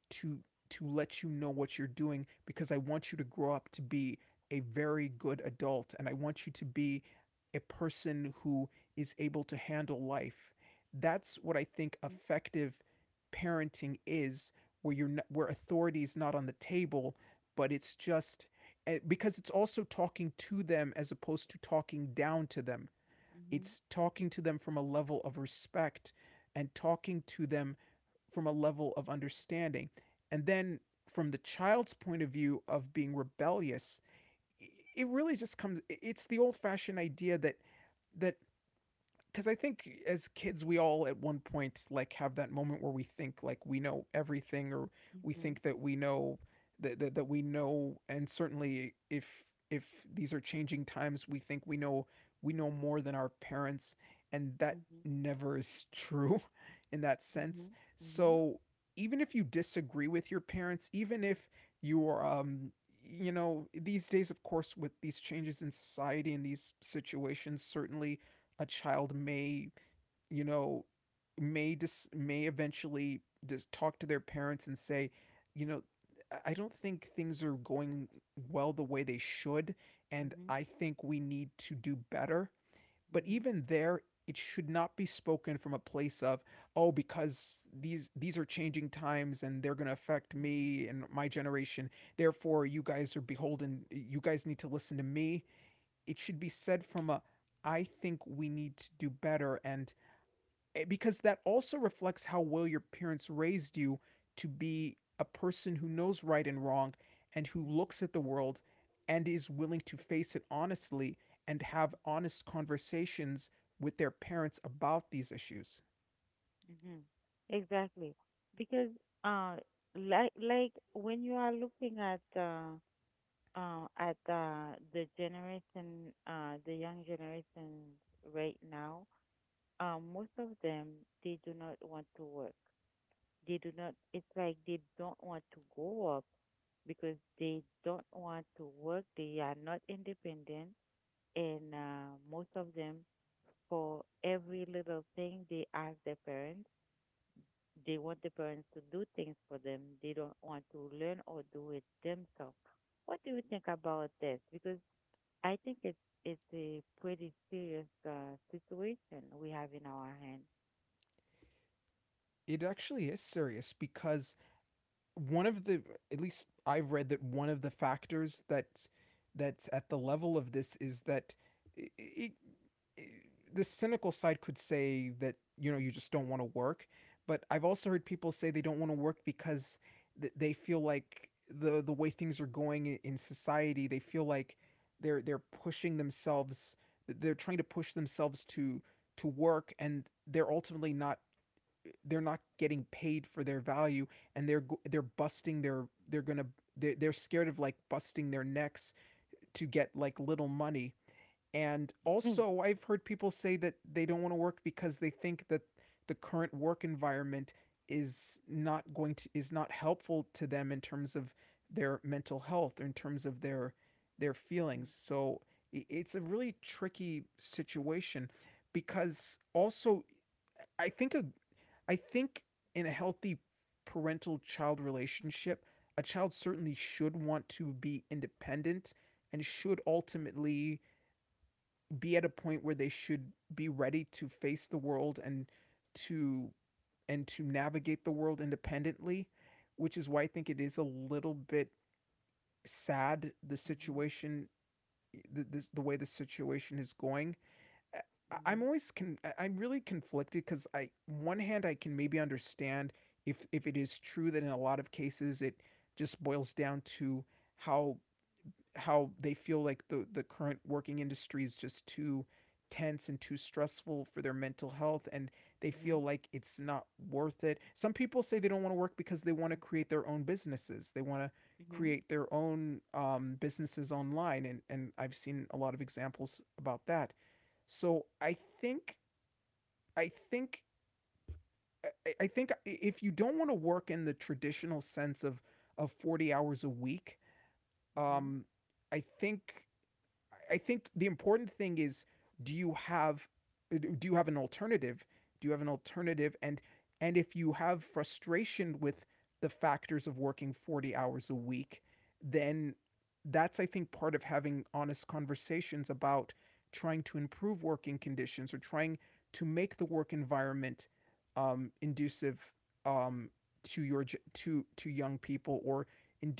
Speaker 2: to to let you know what you're doing, because I want you to grow up to be a very good adult, and I want you to be a person who is able to handle life. That's what I think effective parenting is, where you're not, where authority is not on the table, but it's just, because it's also talking to them as opposed to talking down to them.
Speaker 1: Mm-hmm.
Speaker 2: It's talking to them from a level of respect, and talking to them from a level of understanding. And then from the child's point of view of being rebellious, it really just comes, it's the old fashioned idea that, that because I think as kids, we all at one point like have that moment where we think like we know everything, or we
Speaker 1: Mm-hmm.
Speaker 2: think that we know that we know. And certainly, if these are changing times, we think we know, we know more than our parents, and that
Speaker 1: Mm-hmm.
Speaker 2: never is true in that sense.
Speaker 1: Mhm. Mhm.
Speaker 2: So even if you disagree with your parents, even if you are, these days, of course, with these changes in society and these situations, certainly a child may, you know may eventually just talk to their parents and say, you know I don't think things are going well the way they should, and
Speaker 1: Mhm.
Speaker 2: I think we need to do better. But
Speaker 1: Mhm.
Speaker 2: even there, it should not be spoken from a place of, oh, because these are changing times and they're going to affect me and my generation, therefore you guys are beholden, you guys need to listen to me. It should be said from a, I think we need to do better, and because that also reflects how well your parents raised you to be a person who knows right and wrong and who looks at the world and is willing to face it honestly and have honest conversations with their parents about these issues.
Speaker 1: Mhm. Exactly. Because uh like when you are looking at the generation the young generations right now, most of them they do not want to work. They do not, it's like they don't want to go up because they don't want to work. They are not independent, and most of them, for every little thing they ask their parents. They want the parents to do things for them. They don't want to learn or do it themselves. What do you think about this? Because I think it's a pretty serious situation we have in our hand.
Speaker 2: It actually is serious because one of the at least I've read that one of the factors that's at the level of this is that it, I the cynical side could say that you just don't want to work, but I've also heard people say they don't want to work because they feel like the way things are going in society, they feel like they're pushing themselves, they're trying to push themselves to work, and they're ultimately not, they're not getting paid for their value, and they're busting their they're gonna they're scared of like busting their necks to get like little money. And
Speaker 1: Mm.
Speaker 2: also I've heard people say that they don't want to work because they think that the current work environment is not going to is not helpful to them in terms of their mental health or in terms of their feelings. So it's a really tricky situation, because also I think a I think in a healthy parental child relationship, a child certainly should want to be independent and should ultimately be at a point where they should be ready to face the world and to to navigate the world independently, which is why I think it is a little bit sad, the
Speaker 1: Mhm,
Speaker 2: situation, the way the situation is going.
Speaker 1: mhm,
Speaker 2: I'm really conflicted because I, one hand I can maybe understand if it is true that in a lot of cases it just boils down to how how they feel like the current working industry is just too tense and too stressful for their mental health, and they
Speaker 1: mhm,
Speaker 2: feel like it's not worth it. Some people say they don't want to work because they want to create their own businesses. They want to
Speaker 1: mhm,
Speaker 2: create their own, businesses online, and I've seen a lot of examples about that. So I think think if you don't want to work in the traditional sense of 40 hours a week,
Speaker 1: mhm, mhm,
Speaker 2: um, I think I think the important thing is, do you have do you have an alternative? Do you have an alternative? And if you have frustration with the factors of working 40 hours a week, then that's, I think, part of having honest conversations about trying to improve working conditions or trying to make the work environment, inducive, um, to your to young people, or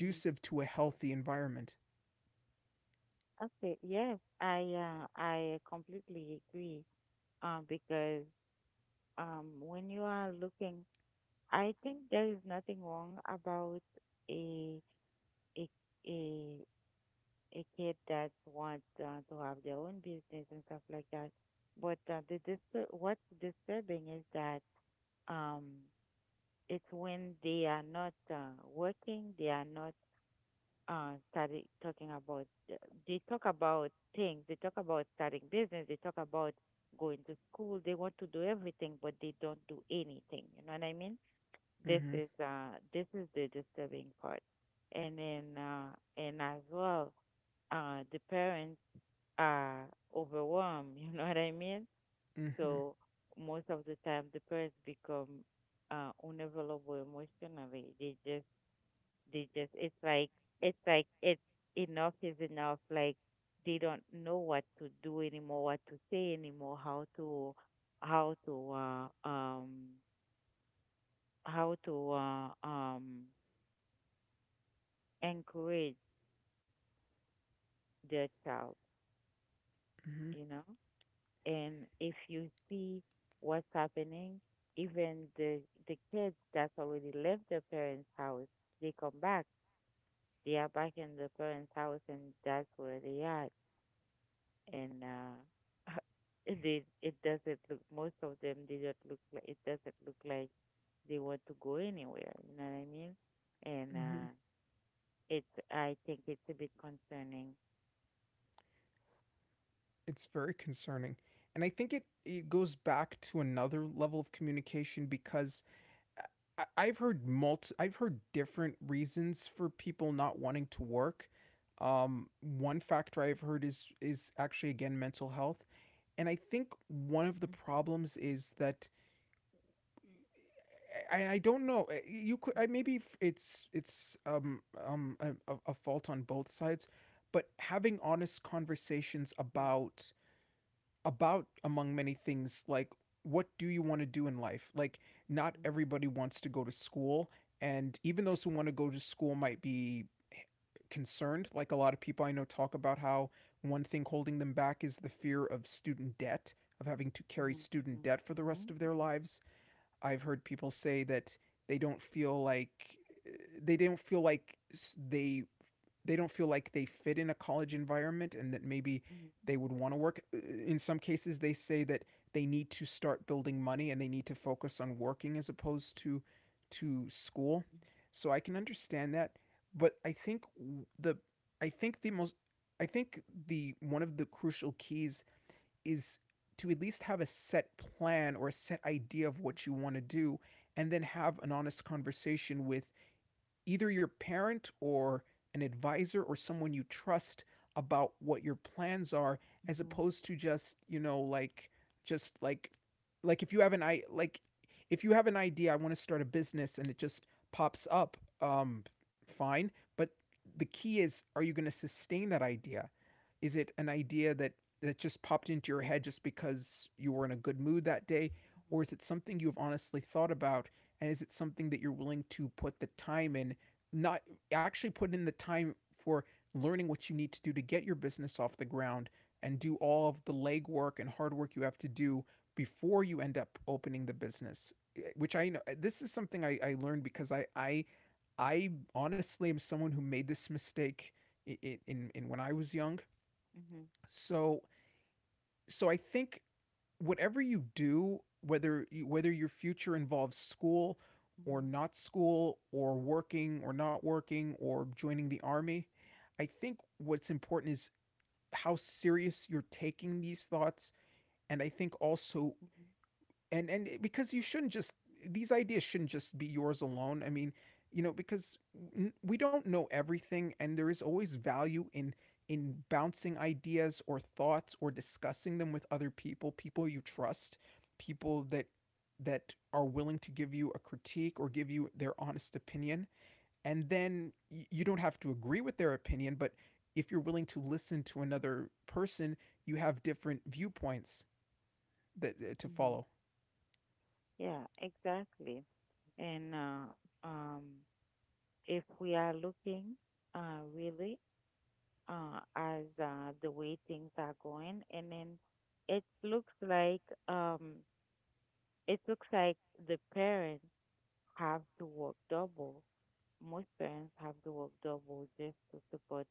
Speaker 1: mhm.
Speaker 2: to a healthy environment.
Speaker 1: Okay, yes, I completely agree. Because when you are looking, I think there is nothing wrong about a a a a kid that wants to have their own business and stuff like that. But what's disturbing is that, um, it's when they are not working, they are not starting talking about. Uh, They talk about things. They talk about starting business. They talk about going to school. They want to do everything, but they don't do anything. You know what I mean? This
Speaker 2: Mhm.
Speaker 1: is the disturbing part. And then uh and as well, the parents are overwhelmed. You know what I mean?
Speaker 2: Mhm.
Speaker 1: So most of the time the parents become unavailable emotionally. They just they just it's like it's enough is enough. Like, they don't know what to do anymore, what to say anymore, how to how to uh um how to uh um encourage their child,
Speaker 2: Mhm.
Speaker 1: you know. And if you see what's happening, even the kids that's already left their parents' house, they come back. They are back in the parents' house, and that's where they are. And they, it doesn't look. Most of them they don't look like, it doesn't look like they want to go anywhere. You know what I mean? And
Speaker 2: Mhm.
Speaker 1: it's, I think it's a bit concerning.
Speaker 2: It's very concerning. And I think it goes back to another level of communication, because I've heard different reasons for people not wanting to work. One factor I've heard is, actually, again, mental health. And I think one of the problems is that, I don't know, you could, I, maybe it's a fault on both sides, but having honest conversations
Speaker 1: Mhm,
Speaker 2: about, among many things, like, what do you want to do in life? Like, not
Speaker 1: mhm,
Speaker 2: everybody wants to go to school, and even those who want to go to school might be concerned. Like, a lot of people I know talk about how one thing holding them back is the fear of student debt, of having to carry
Speaker 1: mhm,
Speaker 2: student
Speaker 1: mhm,
Speaker 2: debt for the rest
Speaker 1: mhm,
Speaker 2: of their
Speaker 1: mhm.
Speaker 2: lives. I've heard people say that they don't feel like they don't feel like they they don't feel like they fit in a college environment, and that maybe
Speaker 1: Mhm,
Speaker 2: they would want to work. In some cases, they say that they need to start building money and they need to focus on working, as opposed to school. So I can understand that, but the I think the most I think the one of the crucial keys is to at least have a set plan or a set idea of what you want to do, and then have an honest conversation with either your parent or an advisor or someone you trust about what your plans are, as
Speaker 1: mhm,
Speaker 2: opposed to just, just like if you have an I like if you have an idea. I want to start a business, and it just pops up, fine. But the key is, are you going to sustain that idea? Is it an idea that just popped into your head just because you were in a good mood that day,
Speaker 1: mhm,
Speaker 2: or is it something you've honestly thought about? And is it something that you're willing to put the time in, not actually, put in the time for learning what you need to do to get your business off the ground and do all of the legwork and hard work you have to do before you end up opening the business, which I know this is something I learned, because I honestly am someone who made this mistake in when I was young.
Speaker 1: mhm,
Speaker 2: So so I think whatever you do, whether whether your future involves school
Speaker 1: mhm,
Speaker 2: or not school or working or not working or joining the army, I think what's important is how serious you're taking these thoughts. And I think also,
Speaker 1: mhm,
Speaker 2: and because you shouldn't just these ideas shouldn't just be yours alone, I mean, because we don't know everything, and there is always value in, bouncing ideas or thoughts or discussing them with other people, people you trust, people that are willing to give you a critique or give you their honest opinion. And then you don't have to agree with their opinion, but if you're willing to listen to another person, you have different viewpoints that to
Speaker 1: mhm.
Speaker 2: follow.
Speaker 1: Yeah, exactly. And um, if we are looking really as the way things are going, and then it looks like, um, it looks like the parents have to work double. Most parents have to work double just to support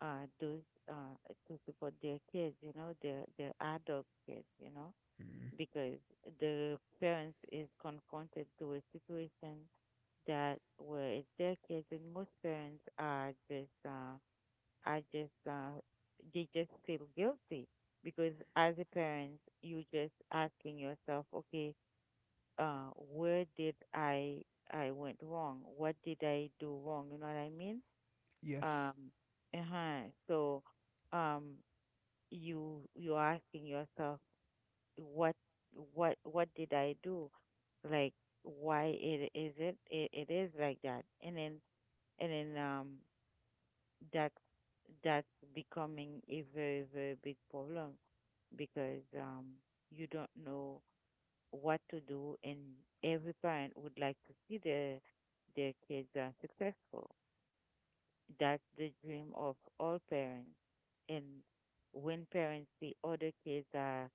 Speaker 1: those uh, to support their kids, you know, their adult kids, you know,
Speaker 2: Mm.
Speaker 1: because the parents is confronted to a situation that, where it's their kids, and most parents are just are just uh, they just feel guilty because as a parent, you just asking yourself, okay, where did I went wrong, what did I do wrong, you know what I mean?
Speaker 2: Yes.
Speaker 1: um uh-huh so um you, you're asking yourself, what what did I do? Like, why it is, it is like that. And then and then um that, that's becoming a very, very big problem. Because, you don't know what to do, and every parent would like to see their kids are successful. That's the dream of all parents. And when parents see other kids are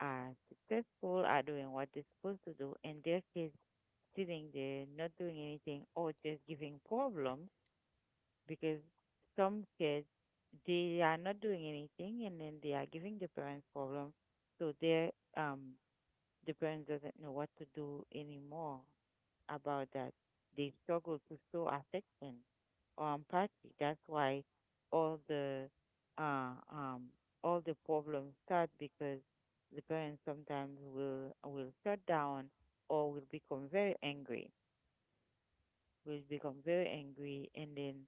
Speaker 1: are successful, are doing what they're supposed to do, and their kids sitting there not doing anything or just giving problems, because some kids, they are not doing anything, and then they are giving the parents problems. So their, um the parents doesn't know what to do anymore about that. They struggle to show affection or empathy. That's why all the uh, um, all the problems start, because the parents sometimes will shut down or will become very angry. Will become very angry, and then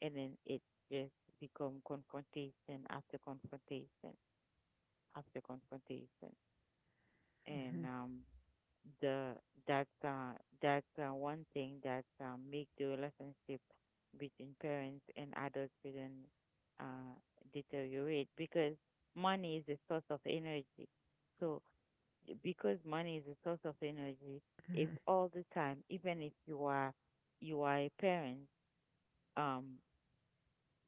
Speaker 1: it just become confrontation after confrontation after confrontation,
Speaker 2: Mm-hmm.
Speaker 1: and the, that that one thing that make the relationship between parents and adult children uh, deteriorate, because money is a source of energy. So because money is a source of energy, if
Speaker 2: Mm-hmm.
Speaker 1: all the time, even if you are, you are a parent, um,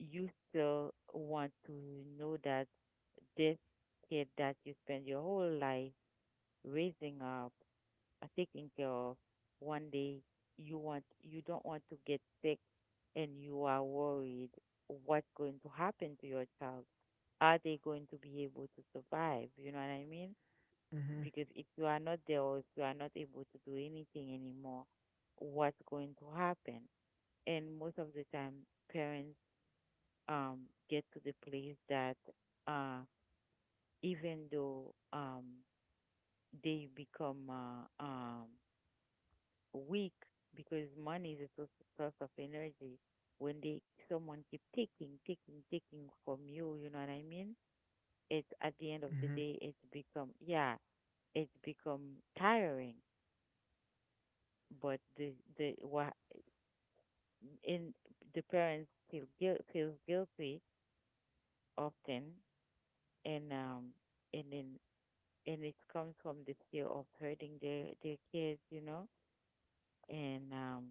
Speaker 1: you still want to know that this kid that you spend your whole life raising up are taking care of. One day, you want, you don't want to get sick, and you are worried what's going to happen to your child. Are they going to be able to survive? You know what I mean?
Speaker 2: Mm-hmm.
Speaker 1: Because if you are not there, or if you are not able to do anything anymore, what's going to happen? And most of the time, parents um get to the place that uh even though they become weak, because money is a source of energy. When they, someone keep taking, taking, taking from you, you know what I mean? It's at the end of the
Speaker 2: Mm-hmm.
Speaker 1: day, it's become, yeah, it's become tiring. But the what in the parents feels guilty often, and um and then and it comes from the fear of hurting their kids, you know, and um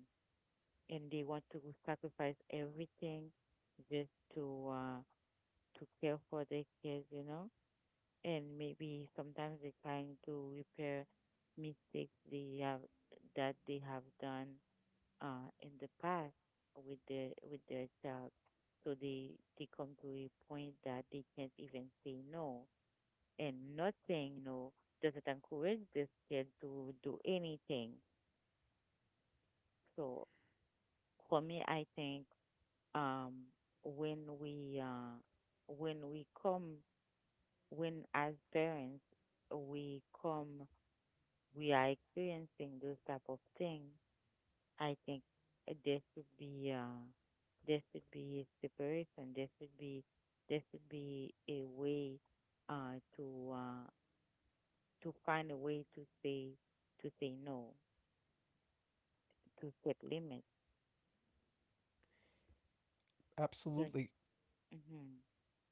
Speaker 1: and they want to sacrifice everything just to care for their kids, you know. And maybe sometimes they're trying to repair mistakes they have, that they have done in the past, with their child. So they come to a point that they can't even say no, and not saying no doesn't encourage this kid to do anything. So for me, I think, um, when we uh, when we come when as parents we come, we are experiencing those type of things, I think uh, there should be uh, there should be separation, there should be, there should be a way uh, to uh, to find a way to say, to say no, to set limits. Don't—
Speaker 2: Absolutely.
Speaker 1: mhm,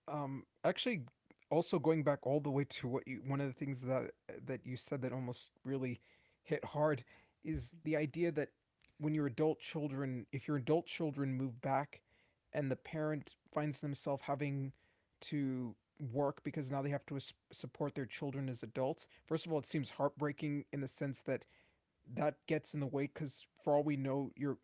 Speaker 2: Actually, also going back all the way to one of the things that you said that almost really hit hard, is the idea that, when your adult children, if your adult children move back, and the parent finds themselves having to work because now they have to support their children as adults. First of all, it seems heartbreaking in the sense that that gets in the way because, for all we know,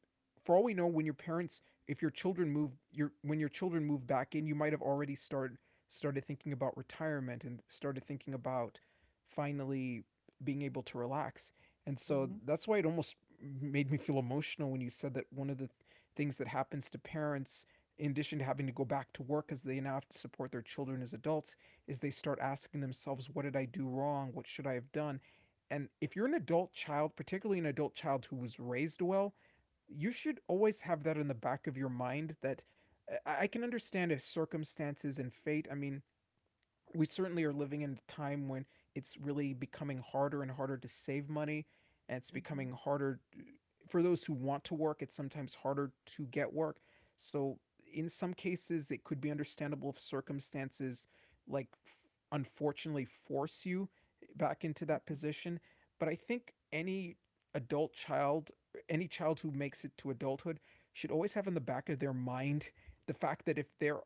Speaker 2: for all we know, when if your children move, your when your children move back in, you might have already started thinking about retirement and started thinking about finally being able to relax. And so
Speaker 1: mhm,
Speaker 2: that's why it almost made me feel emotional when you said that one of the things that happens to parents, in addition to having to go back to work as they now have to support their children as adults, is they start asking themselves, what did I do wrong, what should I have done. And if you're an adult child, particularly an adult child who was raised well, you should always have that in the back of your mind that, I can understand if circumstances and fate. I mean, we certainly are living in a time when it's really becoming harder and harder to save money, and it's
Speaker 1: mhm,
Speaker 2: becoming harder for those who want to work, it's sometimes harder to get work. So in some cases it could be understandable if circumstances, unfortunately, force you back into that
Speaker 1: mhm,
Speaker 2: position. But I think any adult child, any child who makes it to adulthood, should always have in the back of their mind the fact that if they're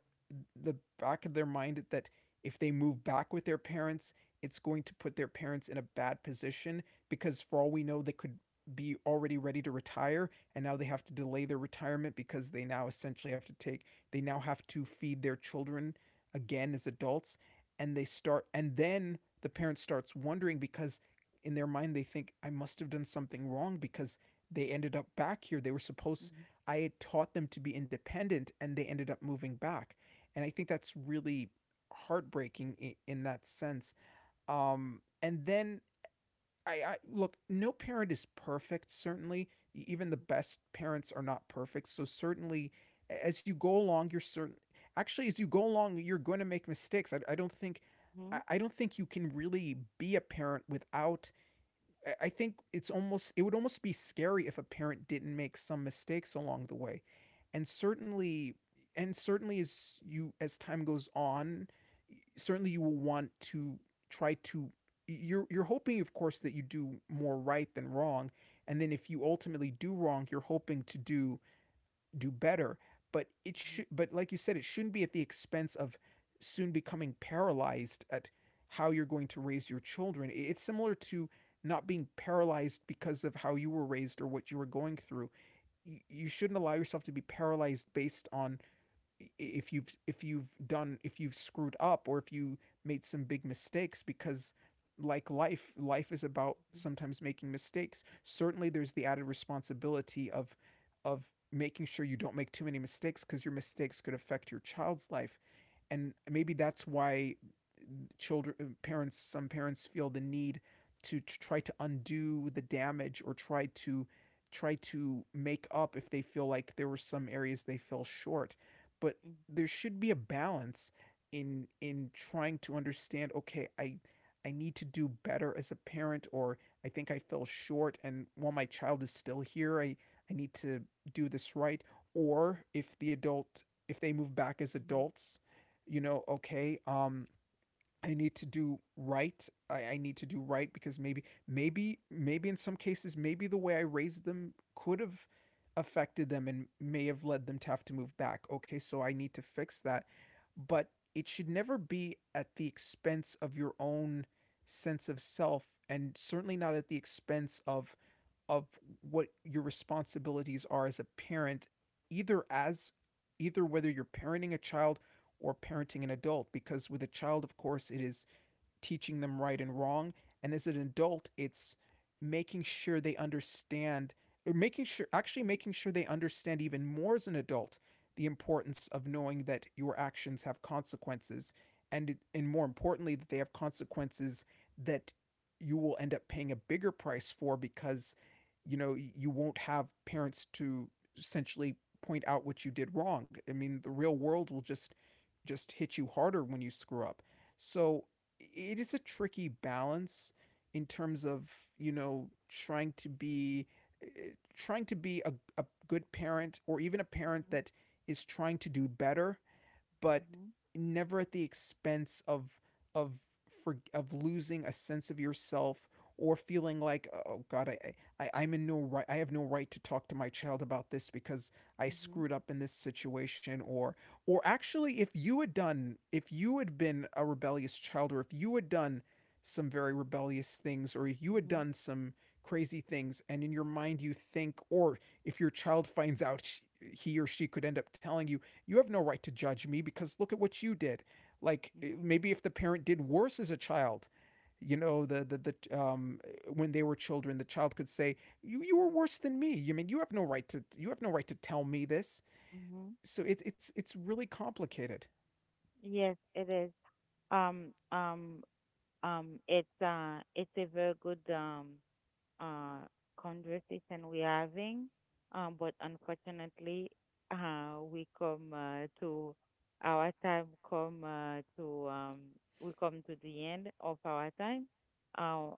Speaker 2: the back of their mind that if they move back with their parents, it's going to put their parents in a bad position because, for all we know, they could be already ready to retire, and now they have to delay their retirement because they now essentially have to take, they now have to feed their children again as adults. And they start, and then the parent starts wondering because in their mind they think, I must have done something wrong, because they ended up back here. They were supposed,
Speaker 1: mhm,
Speaker 2: I had taught them to be independent, and they ended up moving back. And I think that's really heartbreaking in that sense. And then, I look, no parent is perfect. Certainly,
Speaker 1: mhm,
Speaker 2: even the
Speaker 1: mhm,
Speaker 2: best parents are not perfect. So certainly, as you go along, you're certain. Actually, as you go along, you're going to make mistakes. I don't think you can really be a parent without I think it's almost it would almost be scary if a parent didn't make some mistakes along the way. And certainly and certainly as you as time goes on, certainly you will want to try to you're hoping of course that you do more right than wrong, and then if you ultimately do wrong, you're hoping to do better. But it
Speaker 1: mhm,
Speaker 2: should, but like you said, it shouldn't be at the expense of soon becoming paralyzed at how you're going to raise your children. It's similar to not being paralyzed because of how you were raised or what you were going through. You shouldn't allow yourself to be paralyzed based on if you've screwed up or if you made some big mistakes, because like life is about
Speaker 1: mhm,
Speaker 2: sometimes making mistakes. Certainly there's the added responsibility of of making sure you don't make too many mistakes, because your mistakes could affect your child's life. And maybe that's why children parents some parents feel the need to try to undo the damage or try to try to make up if they feel like there were some areas they fell short. But
Speaker 1: mhm.
Speaker 2: there should be a balance in trying to understand, okay, I need to do better as a parent, or I think I fell short and while my child is still here, I need to do this right. Or if the adult, if they move back as
Speaker 1: Mhm,
Speaker 2: adults, okay, I need to do right. I need to do right because maybe in some cases maybe the way I raised them could have affected them and may have led them to have to move back. Okay, so I need to fix that. But it should never be at the expense of your own sense of self, and certainly not at the expense of of what your responsibilities are as a parent, either as either whether you're parenting a child or parenting an adult. Because with a child, of course, it is teaching them right and wrong. And as an adult, it's making sure they understand, or making sure, actually
Speaker 1: mhm,
Speaker 2: making sure they understand even more as an adult the importance of knowing that your actions have consequences. And more importantly, that they have consequences that you will end up paying a bigger price for, because you know you won't have parents to essentially point out what you did wrong. I mean, the real world will just hit you harder when you screw up. So it is a tricky balance in terms of, you know, trying to be a good parent, or even a parent
Speaker 1: mhm,
Speaker 2: that is trying to do better, but
Speaker 1: mhm,
Speaker 2: never at the expense of of losing a sense of yourself, or feeling like, oh god, I have no right to talk to my child about this because I
Speaker 1: mhm,
Speaker 2: screwed up in this situation. Or actually, if you had done if you had been a rebellious child, or if you had done some very rebellious things, or if you had
Speaker 1: mhm,
Speaker 2: done some crazy things, and in your mind you think, or if your child finds out, he or she could end up telling you, you have no right to judge me because look at what you did. Like
Speaker 1: mhm,
Speaker 2: maybe if the parent did worse as a child, you know, the when they were children, the child could say, you were worse than me, you mean, you have no right to tell me this.
Speaker 1: mhm.
Speaker 2: So it's really complicated.
Speaker 1: Yes, it is. Um, um, it's a very good uh conversation we're having, but unfortunately, we come to our time come to we come to the end of our time. Uh,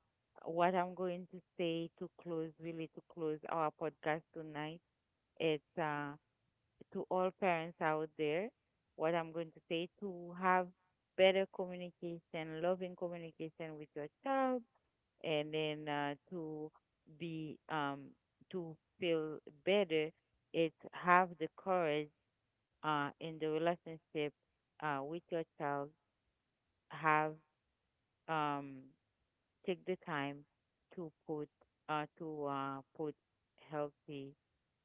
Speaker 1: what I'm going to say to close, really, to close our podcast tonight. It's to all parents out there, what I'm going to say, to have better communication, loving communication with your child, and then to be to feel better, is have the courage in the relationship with your child. Have, um, take the time to put to put healthy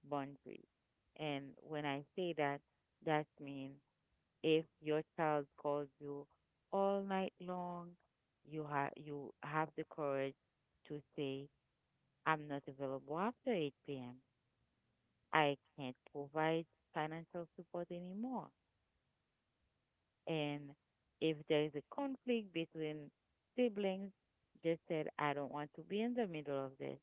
Speaker 1: boundaries. And when I say that, that means if your child calls you all night long, you have, you have the courage to say, "I'm not available after 8 p.m. I can't provide financial support anymore." And if there is a conflict between siblings, just said, "I don't want to be in the middle of this."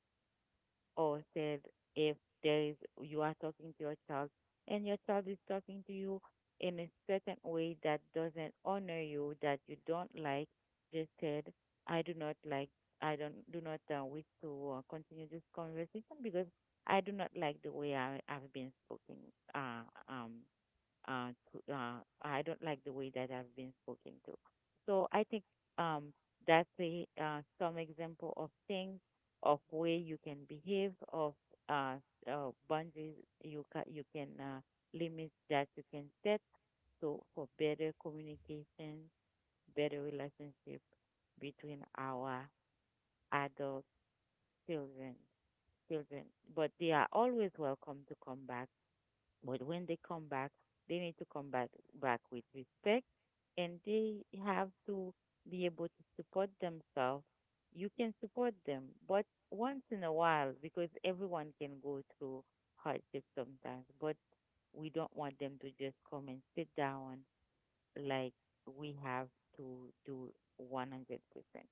Speaker 1: Or said, if there is, you are talking to your child and your child is talking to you in a certain way that doesn't honor you, that you don't like, just said, "I do not like, I don't do not wish to continue this conversation, because I do not like the way I, I've been spoken uh, um to, I don't like the way that I've been spoken to." So I think, um, that's a, some example of things, of way you can behave, of uh, boundaries you you can limits that you can set. So for better communication, better relationship between our adult children, children, but they are always welcome to come back. But when they come back, they need to come back, back with respect, and they have to be able to support themselves. You can support them, but once in a while, because everyone can go through hardship sometimes. But we don't want them to just come and sit down like we have to do 100%.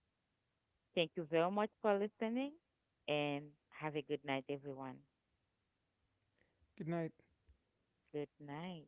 Speaker 1: Thank you very much for listening, and have a good night, everyone.
Speaker 2: Good night.
Speaker 1: Good night.